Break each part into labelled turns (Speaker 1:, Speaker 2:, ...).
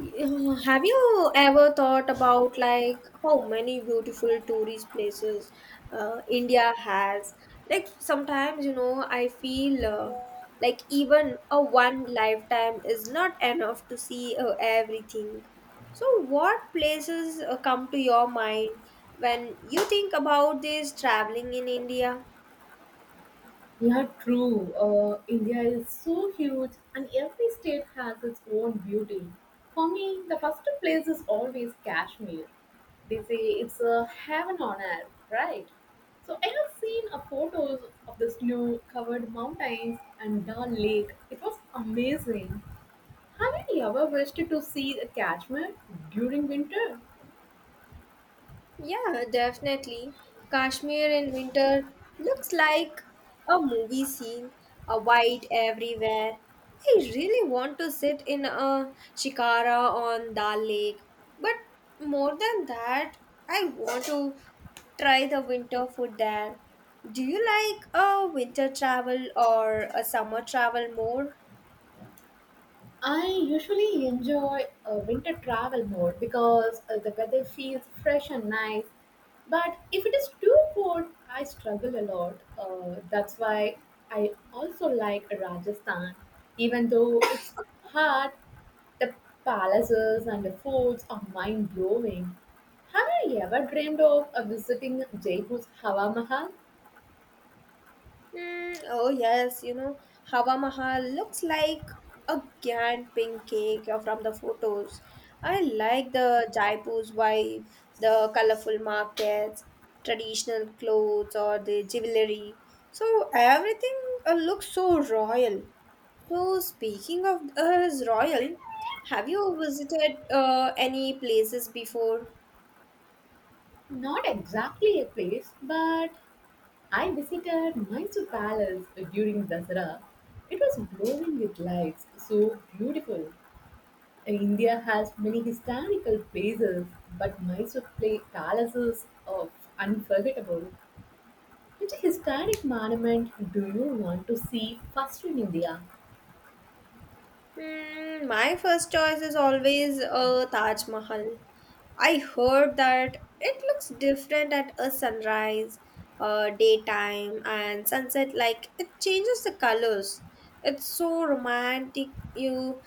Speaker 1: Have you ever thought about like how many beautiful tourist places India has? Like sometimes, I feel like even a one lifetime is not enough to see everything. So, what places come to your mind when you think about this traveling in India?
Speaker 2: Yeah, true. India is so huge, and every state has its own beauty. For me, the first place is always Kashmir. They say it's a heaven on earth, right? So I have seen a photos of the snow-covered mountains and Dal Lake. It was amazing. Have you ever wished to see the Kashmir during winter?
Speaker 1: Yeah, definitely. Kashmir in winter looks like a movie scene, a white everywhere. I really want to sit in a shikara on Dal Lake. But more than that, I want to try the winter food there. Do you like a winter travel or a summer travel more?
Speaker 2: I usually enjoy winter travel more because the weather feels fresh and nice. But if it is too cold, I struggle a lot. That's why I also like Rajasthan. Even though it's hot, the palaces and the forts are mind blowing. Have you ever dreamed of visiting Jaipur's Hawa Mahal?
Speaker 1: Oh yes, Hawa Mahal looks like a giant pink cake from the photos. I like the Jaipur's vibe, the colorful markets, traditional clothes, or the jewelry. So everything looks so royal. So, speaking of royal, have you visited any places before?
Speaker 2: Not exactly a place, but I visited Mysore Palace during Dasara. It was glowing with lights, so beautiful. And India has many historical places, but Mysore play palaces of unforgettable. Which historic monument do you want to see first in India?
Speaker 1: My first choice is always a Taj Mahal. I heard that it looks different at a sunrise, daytime, and sunset. Like it changes the colors. It's so romantic. You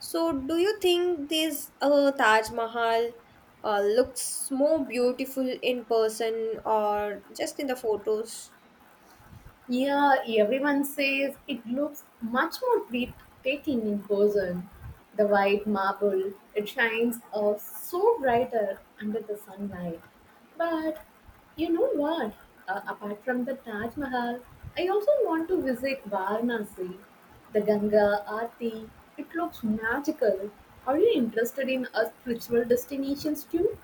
Speaker 1: so do you think this Taj Mahal looks more beautiful in person or just in the photos?
Speaker 2: Yeah, everyone says it looks much more breathtaking in person. The white marble, it shines so brighter under the sunlight. But you know what? Apart from the Taj Mahal, I also want to visit Varanasi. The Ganga Aarti, it looks magical. Are you interested in spiritual destinations too?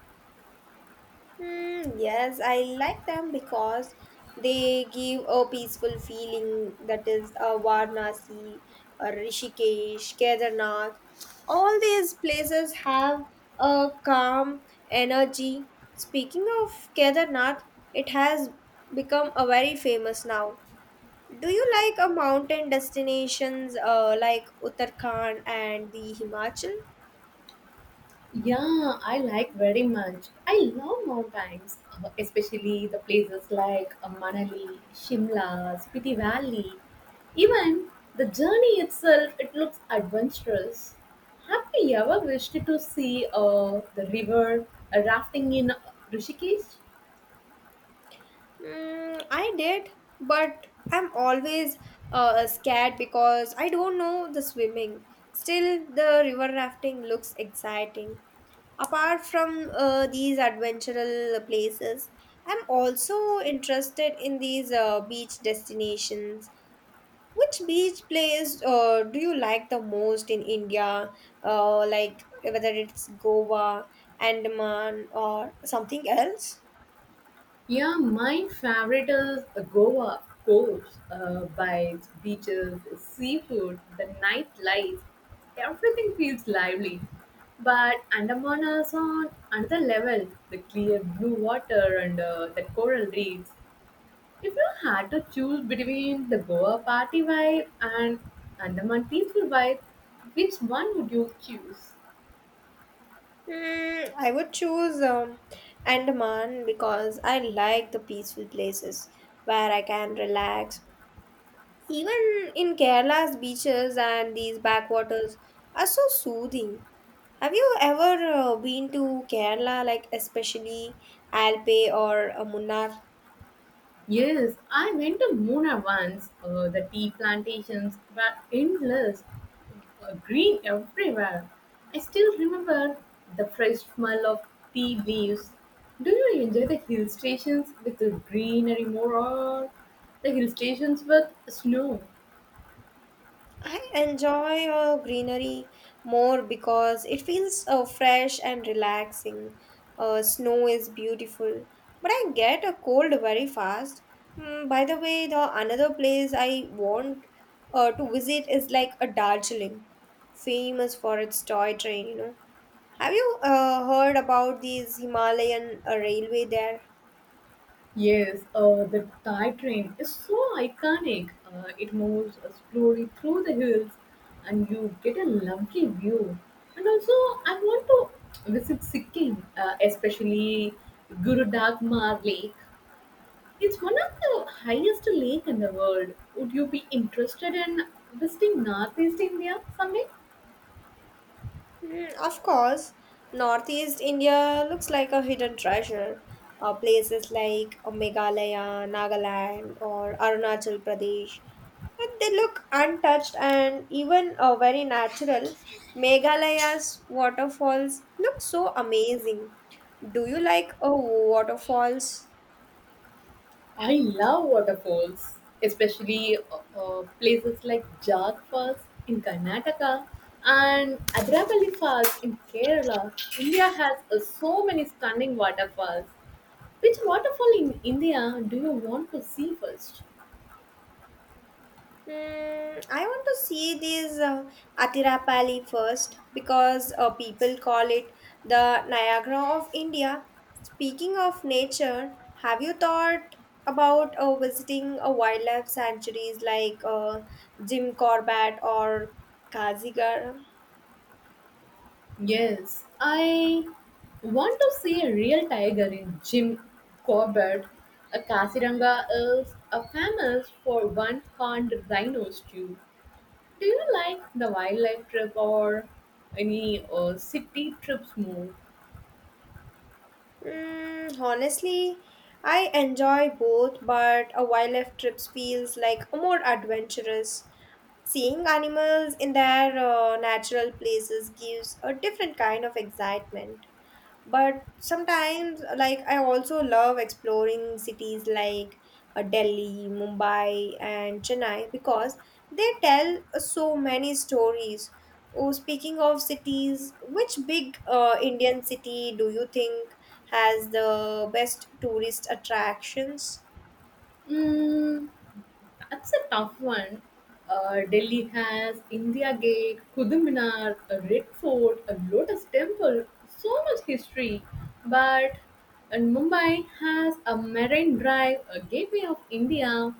Speaker 1: Yes, I like them because they give a peaceful feeling, that is Varanasi, Rishikesh, Kedarnath. All these places have a calm energy. Speaking of Kedarnath, it has become a very famous now. Do you like a mountain destinations like Uttarakhand and the Himachal?
Speaker 2: Yeah, I like very much. I love mountains, especially the places like Manali, Shimla, Spiti Valley. Even the journey itself, it looks adventurous. Have you ever wished to see the river rafting in Rishikesh?
Speaker 1: I did, but I'm always scared because I don't know the swimming. Still, the river rafting looks exciting. Apart from these adventurous places, I'm also interested in these beach destinations. Which beach place do you like the most in India? Like whether it's Goa, Andaman, or something else?
Speaker 2: Yeah, my favorite is Goa, of course. Bites, beaches, seafood, the night life. Everything feels lively. But Andaman is on another level. The clear blue water and the coral reefs. If you had to choose between the Goa party vibe and Andaman peaceful vibe, which one would you choose?
Speaker 1: I would choose Andaman because I like the peaceful places where I can relax. Even in Kerala's beaches and these backwaters are so soothing. Have you ever been to Kerala, like especially Alpe or Munnar?
Speaker 2: Yes, I went to Mona once. The tea plantations were endless, green everywhere. I still remember the fresh smell of tea leaves. Do you enjoy the hill stations with the greenery more or the hill stations with snow?
Speaker 1: I enjoy greenery more because it feels fresh and relaxing. Snow is beautiful, but I get a cold very fast. By the way, the another place I want to visit is like a Darjeeling, famous for its toy train. Have you heard about these Himalayan railway there?
Speaker 2: Yes, the Thai train is so iconic. It moves slowly through the hills and you get a lovely view. And also, I want to visit Sikkim, especially Gurudagmar Lake. It's one of the highest lake in the world. Would you be interested in visiting Northeast India someday?
Speaker 1: Of course, Northeast India looks like a hidden treasure. Places like Meghalaya, Nagaland, or Arunachal Pradesh. And they look untouched and even very natural. Meghalaya's waterfalls look so amazing. Do you like waterfalls?
Speaker 2: I love waterfalls, especially places like Jag Falls in Karnataka and Adrapalli Falls in Kerala. India has so many stunning waterfalls. Which waterfall in India do you want to see first?
Speaker 1: I want to see this Atirapalli first because people call it the Niagara of India. Speaking of nature, have you thought about visiting a wildlife sanctuaries like Jim Corbett or Kazigara?
Speaker 2: Yes, I want to see a real tiger in Jim Corbett. A Kasiranga is famous for one horned rhinos too. Do you like the wildlife trip or any city trips more?
Speaker 1: Honestly, I enjoy both, but a wildlife trip feels like more adventurous. Seeing animals in their natural places gives a different kind of excitement. But sometimes, like, I also love exploring cities like Delhi, Mumbai, and Chennai because they tell so many stories. Oh, speaking of cities, which big Indian city do you think has the best tourist attractions?
Speaker 2: Mm, that's a tough one. Delhi has India Gate, Qutub Minar, a Red Fort, a Lotus Temple, so much history. But and Mumbai has a Marine Drive, a gateway of India,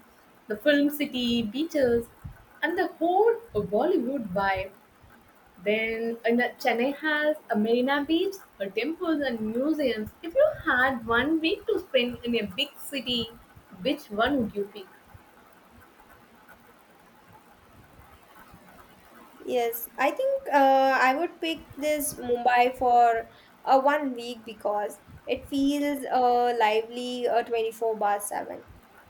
Speaker 2: the film city, beaches, and the whole Bollywood vibe. Then and that Chennai has a marina beach, a temples and museums. If you had 1 week to spend in a big city, which one would you pick?
Speaker 1: Yes, I think I would pick this Mumbai for one week because it feels lively 24 bar 7.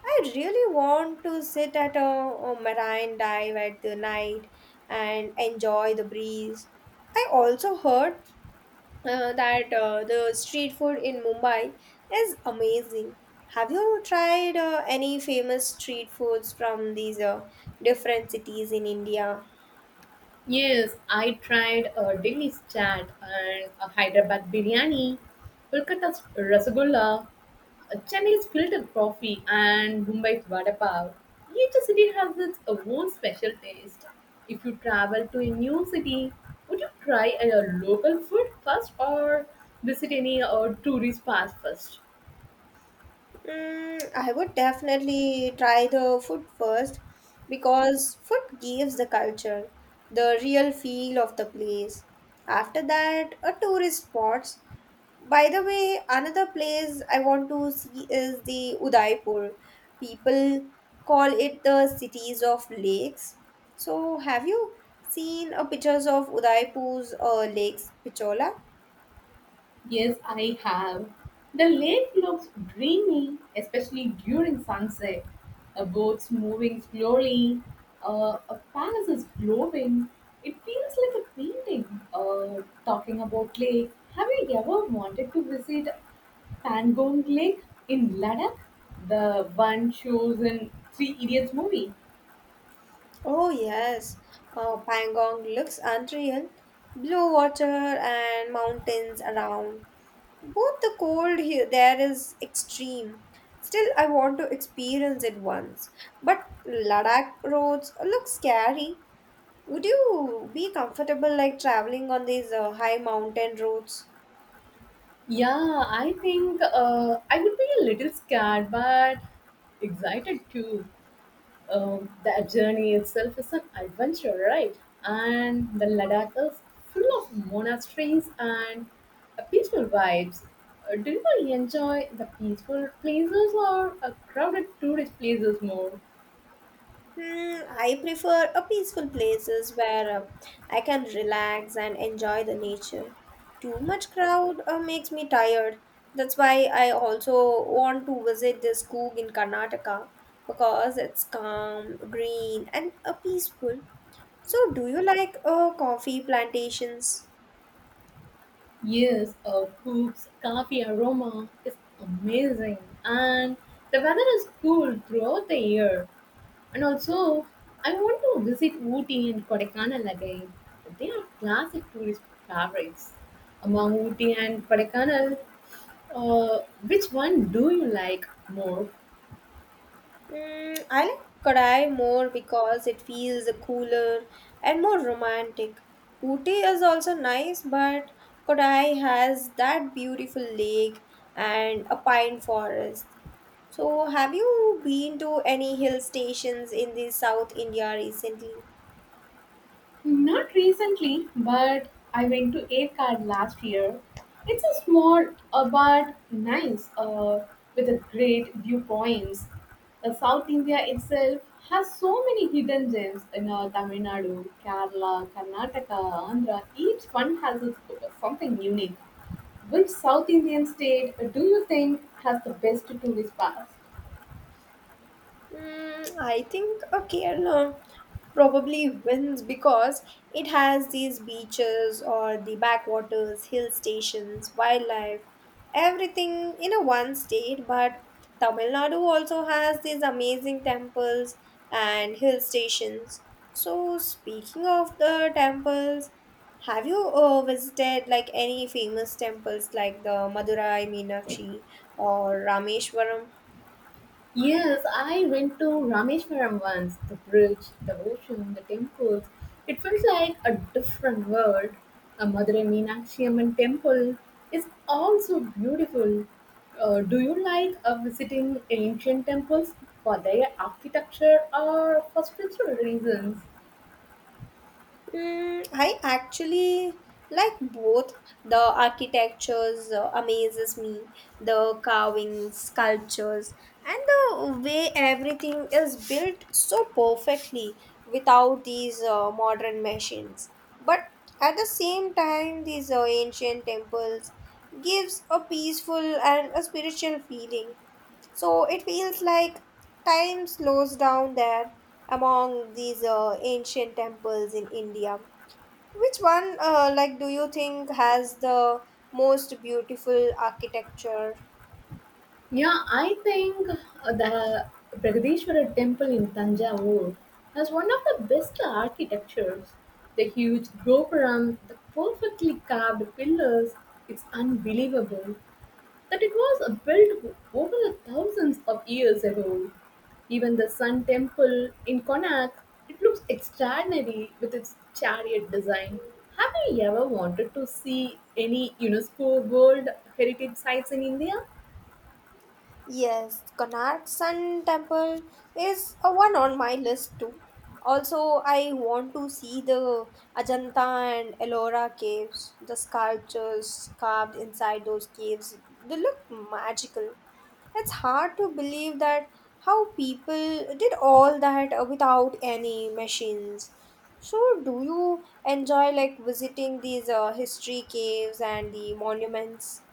Speaker 1: I really want to sit at a marine dive at the night and enjoy the breeze. I also heard that the street food in Mumbai is amazing. Have you tried any famous street foods from these different cities in India?
Speaker 2: Yes, I tried a Delhi's chaat and a Hyderabad biryani, Kolkata's rasgulla, a Chennai's filter coffee, and Mumbai's vada pav. Each city has its own special taste. If you travel to a new city, would you try a local food first or visit any tourist spots first?
Speaker 1: I would definitely try the food first because food gives the culture, the real feel of the place. After that, a tourist spots. By the way, another place I want to see is the Udaipur. People call it the cities of lakes. So, have you seen a pictures of Udaipur's lakes, Pichola?
Speaker 2: Yes, I have. The lake looks dreamy, especially during sunset. A boat's moving slowly, a palace is glowing. It feels like a painting. Talking about lake, have you ever wanted to visit Pangong Lake in Ladakh? The one shows in Three Idiots movie.
Speaker 1: Oh yes, Pangong looks unreal. Blue water and mountains around. Both the cold here there is extreme. Still, I want to experience it once. But Ladakh roads look scary. Would you be comfortable like traveling on these high mountain roads?
Speaker 2: Yeah, I think I would be a little scared, but excited too. The journey itself is an adventure, right? And the Ladakh is full of monasteries and peaceful vibes. Do you enjoy the peaceful places or crowded tourist places more?
Speaker 1: I prefer a peaceful places where I can relax and enjoy the nature. Too much crowd makes me tired. That's why I also want to visit this Coog in Karnataka because it's calm, green, and peaceful. So, do you like coffee plantations?
Speaker 2: Yes, Coop's coffee aroma is amazing, and the weather is cool throughout the year. And also, I want to visit Ooty and Kodaikanal again. They are classic tourist favorites. Among Ooty and Kodaikanal, uh, which one do you like more?
Speaker 1: I like Kodai more because it feels cooler and more romantic. Ooty is also nice, but Kodai has that beautiful lake and a pine forest. So, have you been to any hill stations in the South India recently?
Speaker 2: Not recently, but I went to A Card last year. It's a small but nice with a great viewpoints. South India itself has so many hidden gems in Tamil Nadu, Kerala, Karnataka, Andhra. Each one has its, something unique. Which South Indian state do you think has the best tourist pass?
Speaker 1: I think Kerala probably wins because it has these beaches or the backwaters, hill stations, wildlife, everything in a one state. But Tamil Nadu also has these amazing temples and hill stations. So, speaking of the temples, have you visited like any famous temples like the Madurai Meenakshi or Rameshwaram?
Speaker 2: Yes, I went to Rameshwaram once. The bridge, the ocean, the temples. It felt like a different world. A Madurai Meenakshi Amman temple is also beautiful. Do you like visiting ancient temples for their architecture or for spiritual reasons?
Speaker 1: I actually like both. The architectures amazes me, the carvings, sculptures, and the way everything is built so perfectly without these modern machines. But at the same time, these ancient temples gives a peaceful and a spiritual feeling. So it feels like time slows down there among these ancient temples in India. Which one, like, do you think has the most beautiful architecture?
Speaker 2: Yeah, I think the Pragadeshwara temple in Tanjavur has one of the best architectures. The huge gopuram, the perfectly carved pillars, it's unbelievable that it was built over the thousands of years ago. Even the Sun Temple in Connacht, it looks extraordinary with its chariot design. Have you ever wanted to see any UNESCO World Heritage Sites in India?
Speaker 1: Yes, Konark Sun Temple is a one on my list too. Also, I want to see the Ajanta and Ellora caves. The sculptures carved inside those caves, they look magical. It's hard to believe that how people did all that without any machines. So, do you enjoy like visiting these history caves and the monuments?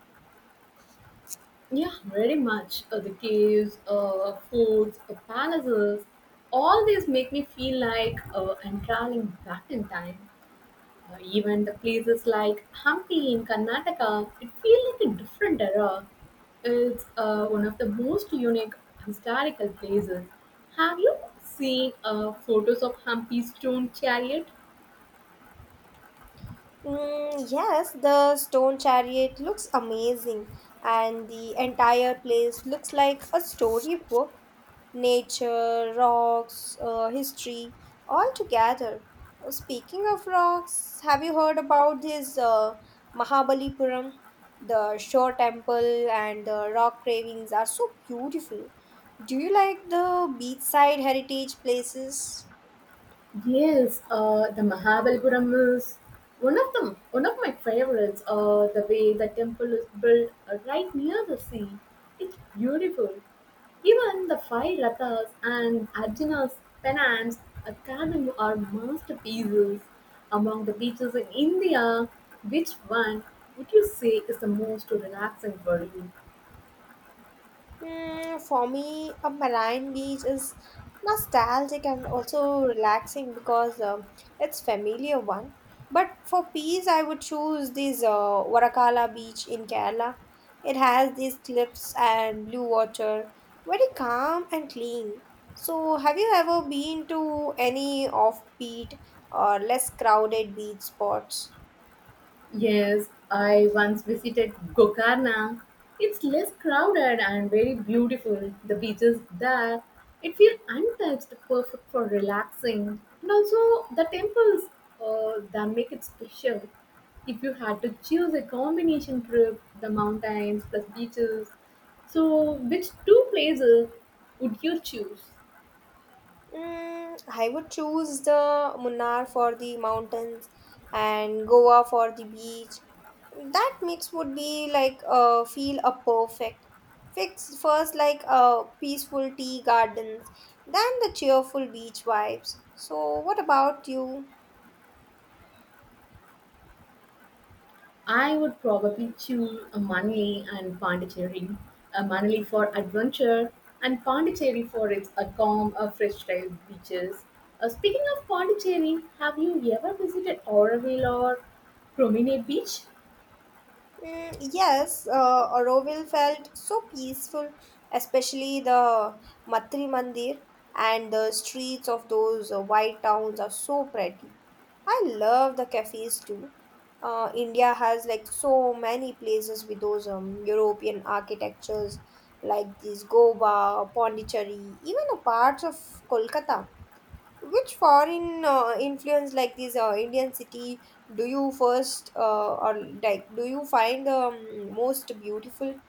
Speaker 2: Yeah, very much. The caves, forts, palaces, all these make me feel like I'm traveling back in time. Even the places like Hampi in Karnataka, it feels like a different era. It's one of the most unique historical places. Have you seen photos of Hampi's stone chariot?
Speaker 1: Yes, the stone chariot looks amazing, and the entire place looks like a storybook. Nature, rocks, history, all together. Speaking of rocks, have you heard about this Mahabalipuram? The shore temple and the rock carvings are so beautiful. Do you like the beachside heritage places?
Speaker 2: Yes, the Mahabalipuram is one of them. One of my favorites. The way the temple is built right near the sea, it's beautiful. Even the five rathas and Arjuna's penance are carving are masterpieces. Among the beaches in India, which one would you say is the most relaxing for you?
Speaker 1: For me, a marine beach is nostalgic and also relaxing because it's familiar one. But for peace, I would choose this Varakala beach in Kerala. It has these cliffs and blue water, very calm and clean. So, have you ever been to any offbeat or less crowded beach spots?
Speaker 2: Yes, I once visited Gokarna. It's less crowded and very beautiful. The beaches there, it feels untouched, perfect for relaxing. And also the temples that make it special. If you had to choose a combination trip, the mountains plus beaches, so which two places would you choose?
Speaker 1: I would choose the Munnar for the mountains and Goa for the beach. That mix would be like feel a perfect fix first like peaceful tea gardens, then the cheerful beach vibes. So what about you?
Speaker 2: I would probably choose a Manali and Pondicherry. A Manali for adventure and Pondicherry for its a calm, a fresh style beaches. Speaking of Pondicherry, have you ever visited Auroville or Promenade Beach?
Speaker 1: Yes, Auroville felt so peaceful, especially the Matri Mandir, and the streets of those white towns are so pretty. I love the cafes too. India has like so many places with those European architectures like this Goa, Pondicherry, even a parts of Kolkata. Which foreign influence like this Indian city do you first or like do you find the most beautiful?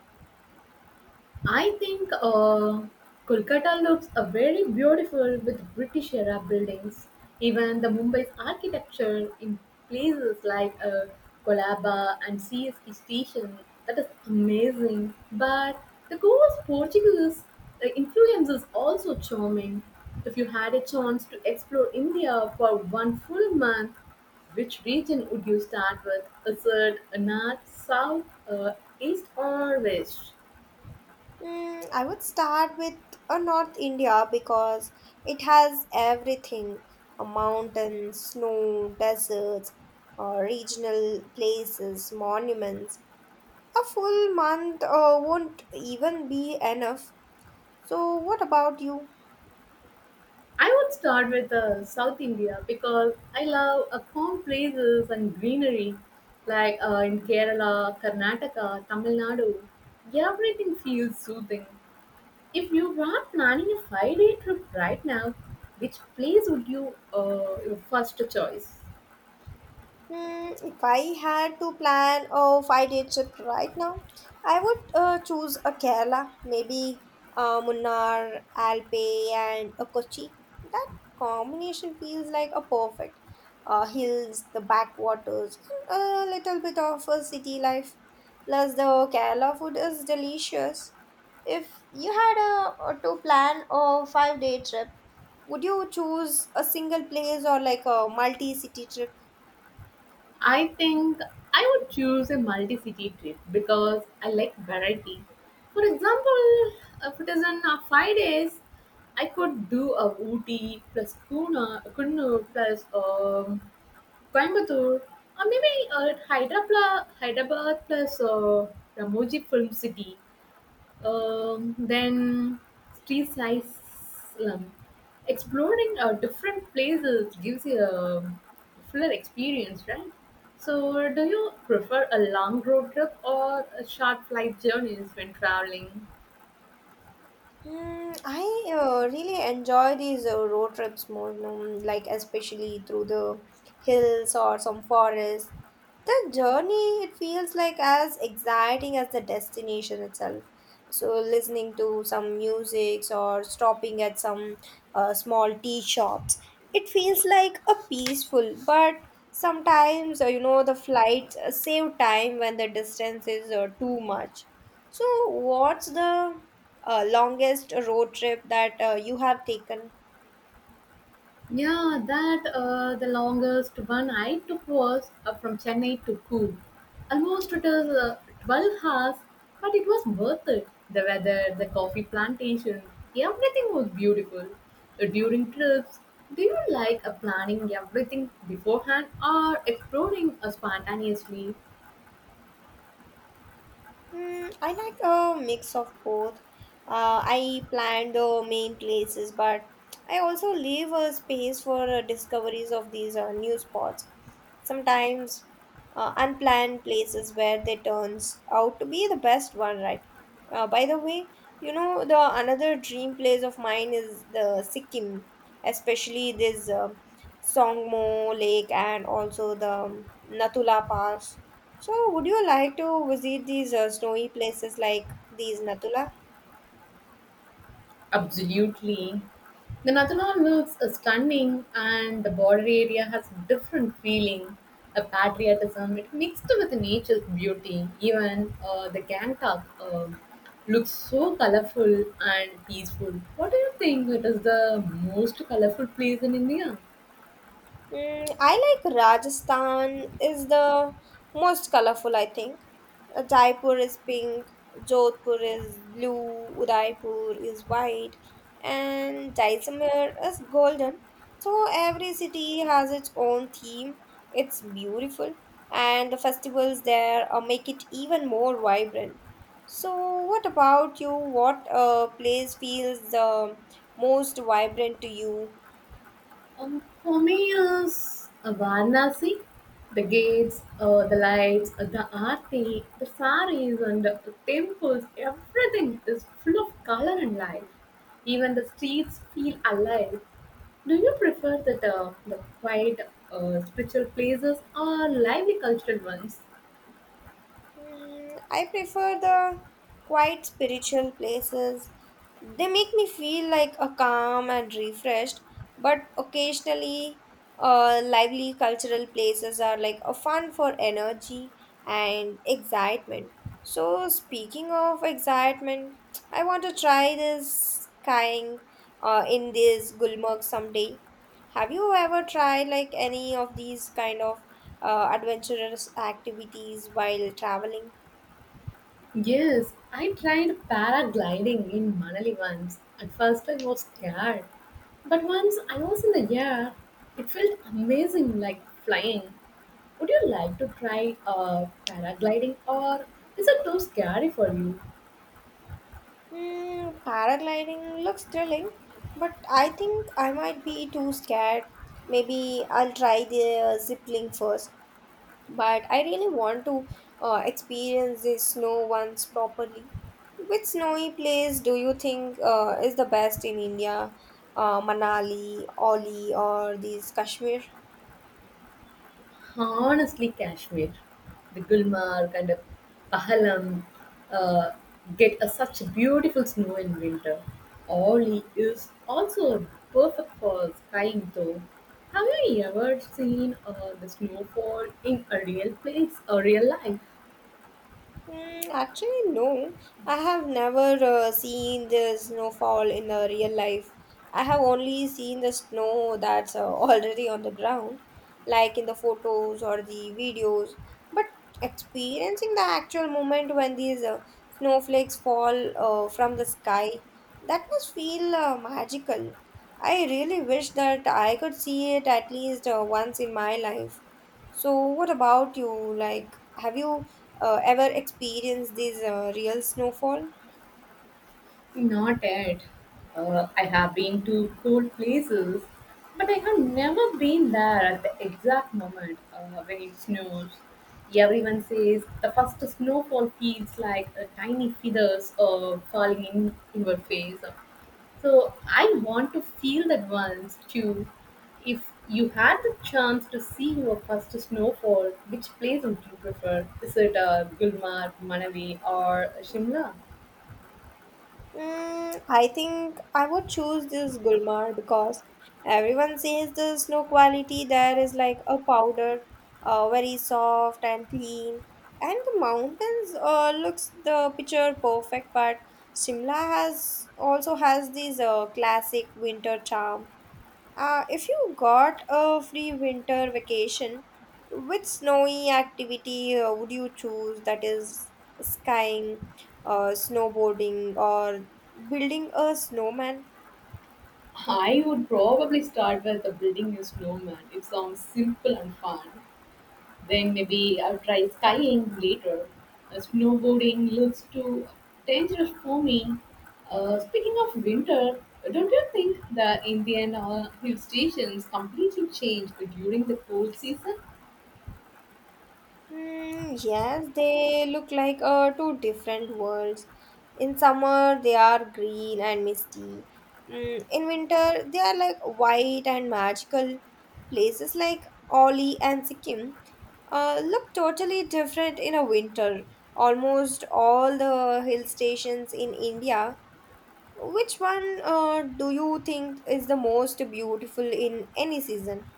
Speaker 2: I think Kolkata looks a very beautiful with British era buildings. Even the Mumbai's architecture in places like Colaba and CST station that is amazing. But the Goa's Portuguese influence is also charming. If you had a chance to explore India for one full month, which region would you start with? Is it a north, south, east, or west?
Speaker 1: I would start with a North India because it has everything: a mountain, snow, deserts, regional places, monuments. A full month won't even be enough. So, what about you?
Speaker 2: I would start with South India because I love calm places and greenery, like in Kerala, Karnataka, Tamil Nadu. Everything feels soothing. If you were planning a five-day trip right now, which place would you your first choice?
Speaker 1: If I had to plan a five-day trip right now, I would choose a Kerala, maybe Munnar, Alpe, and a Kochi. That combination feels like a perfect hills, the backwaters, and a little bit of a city life. Plus, the Kerala food is delicious. If you had to plan a five-day trip, would you choose a single place or like a multi-city trip?
Speaker 2: I think I would choose a multi city trip because I like variety. For example, if it is in 5 days, I could do a Ooty plus Kuna, Kunur plus Coimbatore, or maybe Hyderabad plus Ramoji Film City. Then street size slum. Exploring different places gives you a fuller experience, right? So, do you prefer a long road trip or a short flight journeys when traveling?
Speaker 1: I really enjoy these road trips more, like especially through the hills or some forest. The journey, it feels like as exciting as the destination itself. So listening to some music or stopping at some small tea shops, it feels like a peaceful, but sometimes, the flights save time when the distance is too much. So what's the longest road trip that you have taken?
Speaker 2: Yeah, that the longest one I took was from Chennai to Coorg. Almost it was 12 hours, but it was worth it. The weather, the coffee plantation, everything was beautiful. During trips, do you like planning everything beforehand or exploring spontaneously?
Speaker 1: I like a mix of both. I plan the main places, but I also leave a space for discoveries of these new spots. Sometimes unplanned places where they turns out to be the best one, right? By the way, you know the another dream place of mine is the Sikkim, especially this Songmo Lake and also the Nathula Pass. So, would you like to visit these snowy places like these Natula?
Speaker 2: Absolutely. The Nathalan looks stunning, and the border area has a different feeling, a patriotism. It mixed with nature's beauty. Even the Gangtok looks so colorful and peaceful. What do you think? It is the most colorful place in India.
Speaker 1: I like Rajasthan is the most colorful, I think. Jaipur is pink, Jodhpur is blue, Udaipur is white, and Jaisalmer is golden. So every city has its own theme. It's beautiful, and the festivals there make it even more vibrant. So, what about you? What place feels the most vibrant to you?
Speaker 2: For me, is Varanasi, the gates, the lights, the aarti, the saris, and the temples. Everything is full of color and life. Even the streets feel alive. Do you prefer the quiet spiritual places or lively cultural ones?
Speaker 1: I prefer the quiet spiritual places. They make me feel like a calm and refreshed, but occasionally, lively cultural places are like a fun for energy and excitement. So, speaking of excitement, I want to try this skiing in this Gulmarg someday. Have you ever tried like any of these kind of adventurous activities while traveling?
Speaker 2: Yes, I tried paragliding in Manali once. At first, I was scared. But once I was in the air, it felt amazing like flying. Would you like to try paragliding or is it too scary for you?
Speaker 1: Paragliding looks thrilling, but I think I might be too scared. Maybe I'll try the zipping first, but I really want to experience the snow once properly. Which snowy place do you think is the best in India? Manali, Oli, or these Kashmir?
Speaker 2: Honestly, Kashmir, the Gulmarg and the Pahalam uh, get a, such beautiful snow in winter. Oli is also perfect for skiing though. Have you ever seen the snowfall in a real place or real life?
Speaker 1: Mm, actually, no. I have never seen the snowfall in the real life. I have only seen the snow that's already on the ground, like in the photos or the videos. But experiencing the actual moment when these snowflakes fall from the sky, that must feel magical. I really wish that I could see it at least once in my life. So, what about you? Like, have you ever experienced this real snowfall?
Speaker 2: Not yet. I have been to cool places, but I have never been there at the exact moment when it snows. Everyone says the first snowfall feels like a tiny feathers falling in your face. So I want to feel that once too. If you had the chance to see your first snowfall, which place would you prefer? Is it Gulmarg, Manavi, or Shimla?
Speaker 1: I think I would choose this Gulmarg because everyone says the snow quality there is like a powder, very soft and clean, and the mountains looks the picture perfect. But Shimla has also has this classic winter charm. If you got a free winter vacation, which snowy activity would you choose? That is, skiing, snowboarding, or building a snowman?
Speaker 2: I would probably start with the building a snowman. It sounds simple and fun. Then maybe I'll try skiing later. Snowboarding looks too dangerous for me. Speaking of winter, don't you think the Indian hill stations completely change during the cold season?
Speaker 1: Hmm, yes, they look like two different worlds. In summer, they are green and misty. In winter, they are like white and magical. Places like Oli and Sikkim look totally different in a winter. Almost all the hill stations in India. Which one do you think is the most beautiful in any season?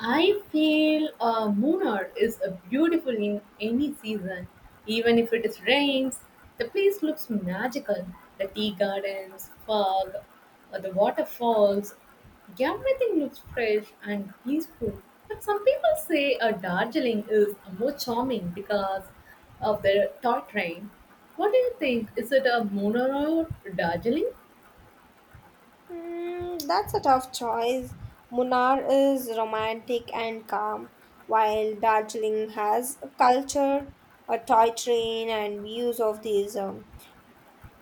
Speaker 2: I feel Munnar is a beautiful in any season. Even if it is rains, the place looks magical. The tea gardens, fog, the waterfalls, everything looks fresh and peaceful. But some people say Darjeeling is more charming because of the toy train. What do you think? Is it a Munnar or Darjeeling?
Speaker 1: Hmm, that's a tough choice. Munnar is romantic and calm, while Darjeeling has a culture, a toy train, and views of the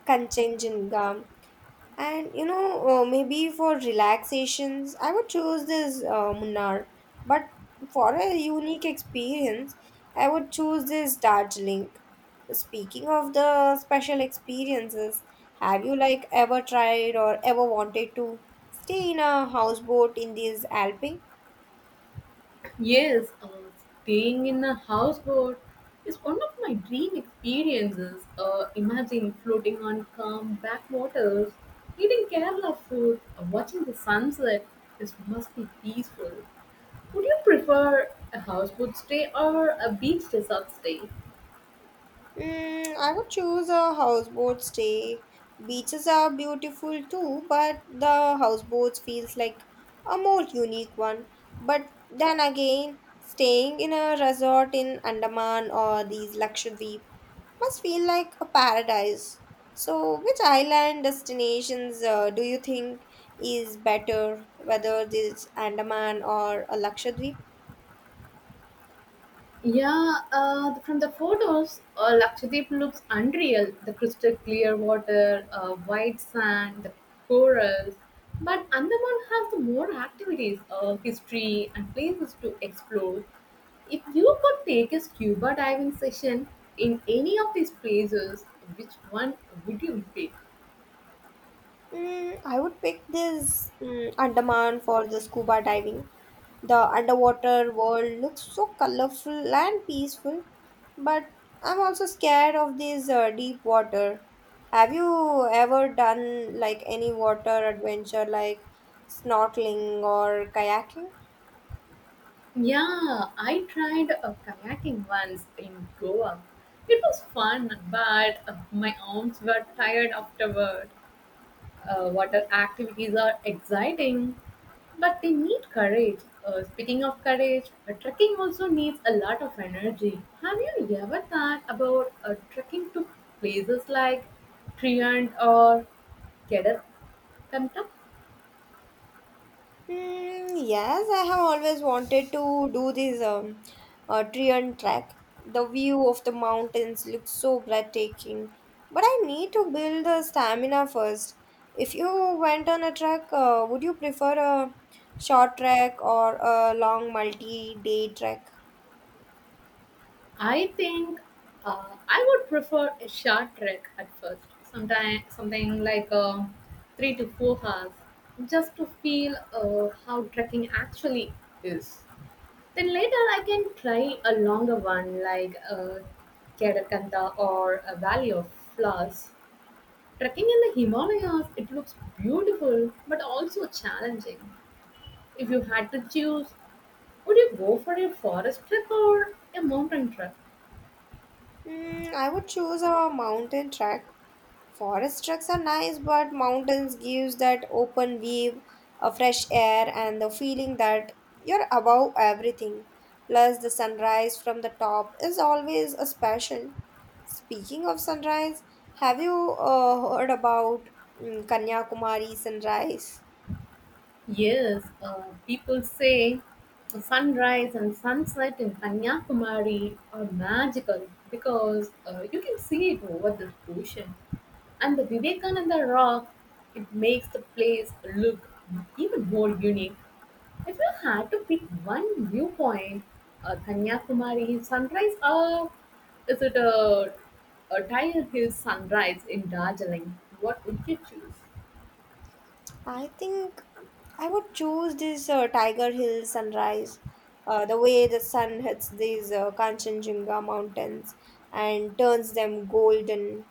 Speaker 1: Kanchenjunga. And maybe for relaxations, I would choose this Munnar. But for a unique experience, I would choose this Darjeeling. Speaking of the special experiences, have you like ever tried or ever wanted to stay in a houseboat in these Alpine?
Speaker 2: Yes, staying in a houseboat is one of my dream experiences. Imagine floating on calm backwaters, eating Kerala food, watching the sunset. This must be peaceful. Would you prefer a houseboat stay or a beach resort stay?
Speaker 1: I would choose a houseboat stay. Beaches are beautiful too, but the houseboats feels like a more unique one. But then again, staying in a resort in Andaman or these Lakshadweep must feel like a paradise. So, which island destinations do you think is better, whether this Andaman or a Lakshadweep?
Speaker 2: Yeah, from the photos, Lakshadweep looks unreal. The crystal clear water, white sand, the corals. But Andaman has the more activities, history, and places to explore. If you could take a scuba diving session in any of these places, which one would you pick?
Speaker 1: I would pick this Andaman for the scuba diving. The underwater world looks so colorful and peaceful, but I'm also scared of this deep water. Have you ever done like any water adventure like snorkeling or kayaking?
Speaker 2: Yeah, I tried a kayaking once in Goa. It was fun, but my arms were tired afterward. Water activities are exciting, but they need courage. Speaking of courage, trekking also needs a lot of energy. Have you ever thought about trekking to places like Triand or Kedarkantak?
Speaker 1: Mm, yes, I have always wanted to do this Trian trek. The view of the mountains looks so breathtaking, but I need to build the stamina first. If you went on a trek, would you prefer a short trek or a long multi-day trek?
Speaker 2: I think I would prefer a short trek at first, sometime something like 3 to 4 hours, just to feel how trekking actually is. Then later I can try a longer one like Kedakanta or a Valley of Flowers. Trekking in the Himalayas, it looks beautiful but also challenging. If you had to choose, would you go for a forest trek or a mountain trek?
Speaker 1: I would choose a mountain trek. Forest trucks are nice, but mountains gives that open view, a fresh air, and the feeling that you're above everything. Plus, the sunrise from the top is always a special. Speaking of sunrise, have you heard about Kanyakumari sunrise?
Speaker 2: Yes, people say the sunrise and sunset in Kanyakumari are magical because you can see it over the ocean. And the Vivekananda Rock, it makes the place look even more unique. If you had to pick one viewpoint, a Kanyakumari sunrise, or is it a, a Tiger Hill sunrise in Darjeeling? What would you choose?
Speaker 1: I think I would choose this Tiger Hill sunrise. The way the sun hits these Kanchenjunga mountains and turns them golden.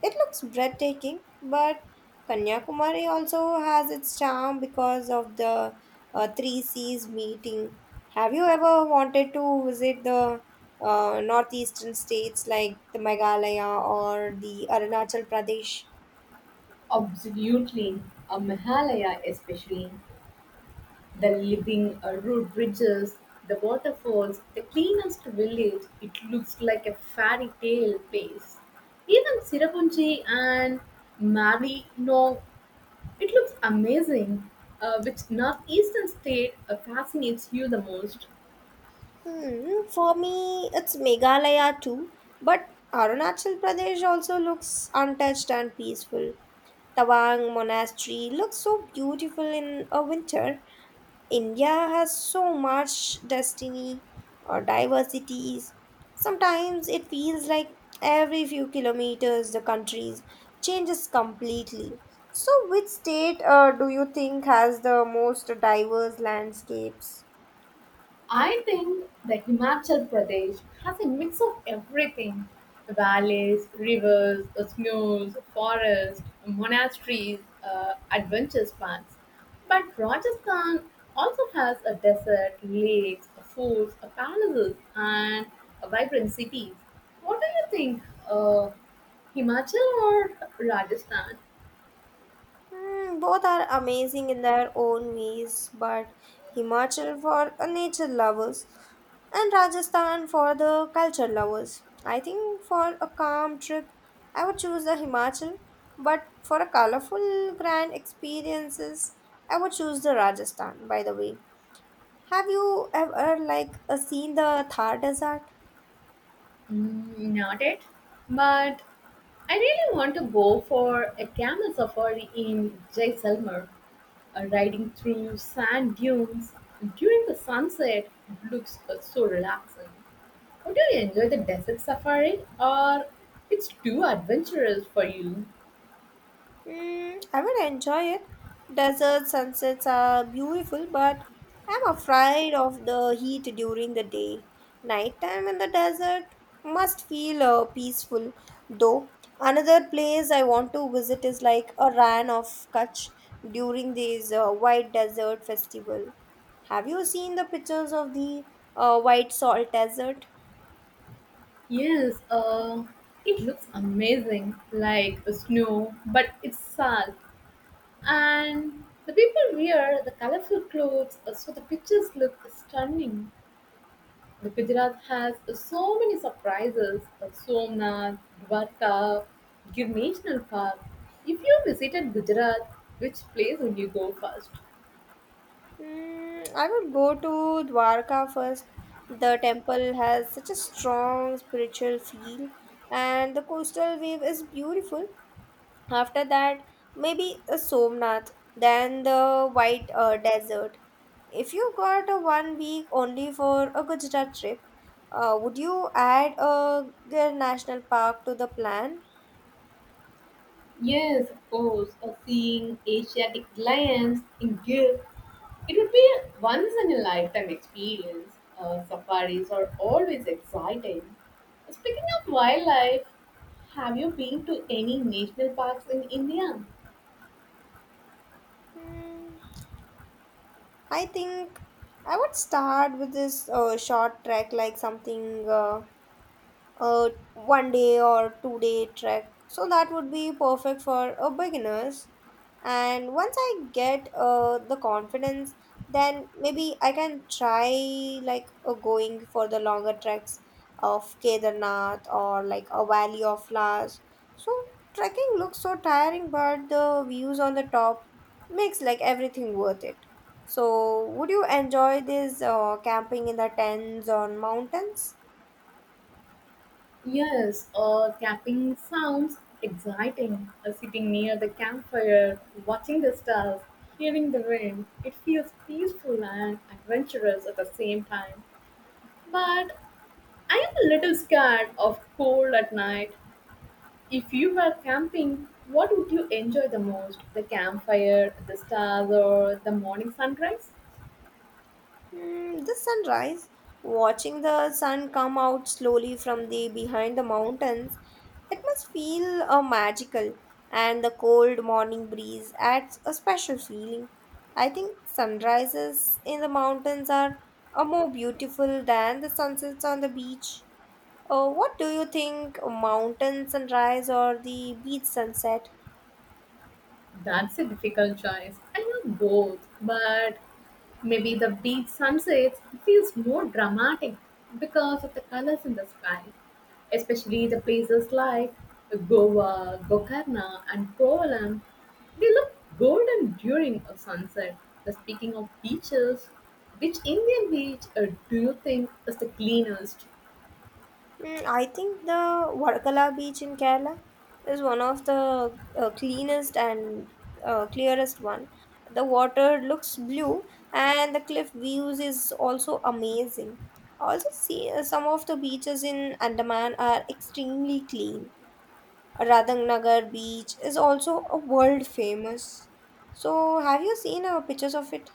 Speaker 1: It looks breathtaking, but Kanyakumari also has its charm because of the three seas meeting. Have you ever wanted to visit the northeastern states like the Meghalaya or the Arunachal Pradesh?
Speaker 2: Absolutely, a Mahalaya especially. The living root bridges, the waterfalls, the cleanest village, it looks like a fairy tale place. Even Sirapunchi and Mali, no, it looks amazing. Which northeastern state fascinates you the most?
Speaker 1: Hmm, for me, it's Meghalaya too, but Arunachal Pradesh also looks untouched and peaceful. Tawang Monastery looks so beautiful in a winter. India has so much destiny or diversities. Sometimes it feels like every few kilometers the country changes completely. So, which state do you think has the most diverse landscapes?
Speaker 2: I think that Himachal Pradesh has a mix of everything valleys, rivers, snows, forests, monasteries, adventure parks. But Rajasthan also has a desert, lakes, forts, palaces, and vibrant cities. What do you think? Uh, Himachal or Rajasthan?
Speaker 1: Hmm, both are amazing in their own ways, but Himachal for nature lovers and Rajasthan for the culture lovers. I think for a calm trip, I would choose the Himachal, but for a colorful grand experiences, I would choose the Rajasthan. By the way, have you ever like seen the Thar Desert?
Speaker 2: Mm, not it. But I really want to go for a camel safari in Jaisalmer, riding through sand dunes during the sunset looks so relaxing. Would you enjoy the desert safari or it's too adventurous for you?
Speaker 1: I would enjoy it. Desert sunsets are beautiful, but I'm afraid of the heat during the day. Nighttime in the desert must feel peaceful, though. Another place I want to visit is like a Ran of Kutch during this White Desert Festival. Have you seen the pictures of the White Salt Desert?
Speaker 2: Yes, it looks amazing, like the snow, but it's salt. And the people wear the colorful clothes, so the pictures look stunning. The Gujarat has so many surprises Somnath, Dwarka, Gir National Park. If you visited Gujarat, which place would you go first?
Speaker 1: I would go to Dwarka first. The temple has such a strong spiritual feel, and the coastal wave is beautiful. After that, maybe a Somnath, then the White Desert. If you got a one week only for a Gujarat trip, would you add a Gir National Park to the plan?
Speaker 2: Yes, of course. Or seeing Asiatic lions in Gir, it would be a once-in-a-lifetime experience. Safaris are always exciting. Speaking of wildlife, have you been to any national parks in India?
Speaker 1: Hmm, I think I would start with this short trek, like something. A one day or two-day trek. So that would be perfect for a beginners. And once I get the confidence, then maybe I can try like going for the longer treks of Kedarnath or like a Valley of Flowers. So trekking looks so tiring, but the views on the top makes like everything worth it. So would you enjoy this camping in the tents on mountains?
Speaker 2: Yes, camping sounds exciting. Sitting near the campfire, watching the stars, hearing the rain, it feels peaceful and adventurous at the same time. But I am a little scared of cold at night. If you were camping, what would you enjoy the most? The campfire, the stars, or the morning sunrise?
Speaker 1: The sunrise, watching the sun come out slowly from the behind the mountains, it must feel magical. And the cold morning breeze adds a special feeling. I think sunrises in the mountains are more beautiful than the sunsets on the beach. What do you think, mountain sunrise or the beach sunset?
Speaker 2: That's a difficult choice. I love both, but maybe the beach sunsets feels more dramatic because of the colors in the sky, especially the places like Goa, Gokarna, and Kovalam. They look golden during a sunset. The speaking of beaches, which Indian beach do you think is the cleanest?
Speaker 1: I think the Varkala beach in Kerala is one of the cleanest and clearest one. The water looks blue and the cliff views is also amazing. Also see some of the beaches in Andaman are extremely clean. Radhangnagar beach is also a world famous. So have you seen our pictures of it?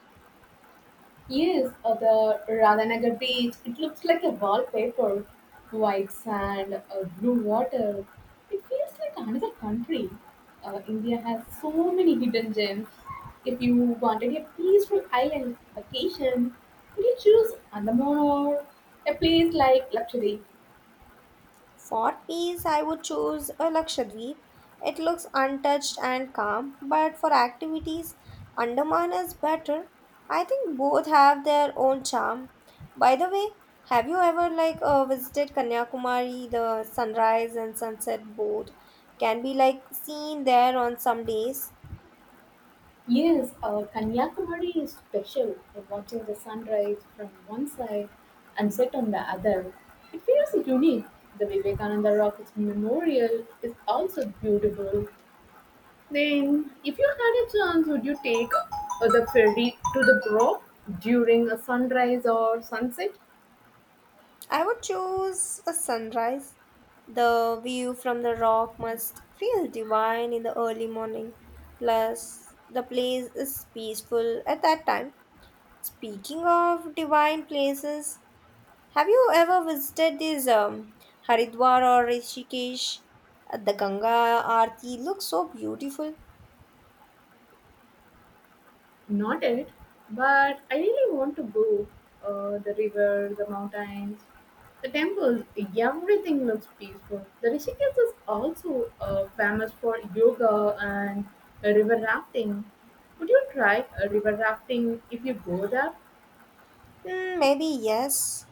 Speaker 2: Yes, the Radhanagar beach, it looks like a wallpaper. White sand, blue water. It feels like another country. India has so many hidden gems. If you wanted a peaceful island vacation, would you choose Andaman or a place like Lakshadweep?
Speaker 1: For peace, I would choose a Lakshadweep. It looks untouched and calm, but for activities, Andaman is better. I think both have their own charm. By the way, have you ever like visited Kanyakumari? The sunrise and sunset both can be like seen there on some days.
Speaker 2: Yes, Kanyakumari is special. Watching the sunrise from one side and set on the other, it feels unique. The Vivekananda Rockets Memorial is also beautiful. Then, if you had a chance, would you take the ferry to the Grove during a sunrise or sunset?
Speaker 1: I would choose a sunrise. The view from the rock must feel divine in the early morning. Plus, the place is peaceful at that time. Speaking of divine places, have you ever visited this Haridwar or Rishikesh? The Ganga Aarti looks so beautiful.
Speaker 2: Not it, but I really want to go. The river, the mountains, the temples, everything looks peaceful. The Rishikesh is also famous for yoga and river rafting. Would you try river rafting if you go there?
Speaker 1: Mm, maybe yes.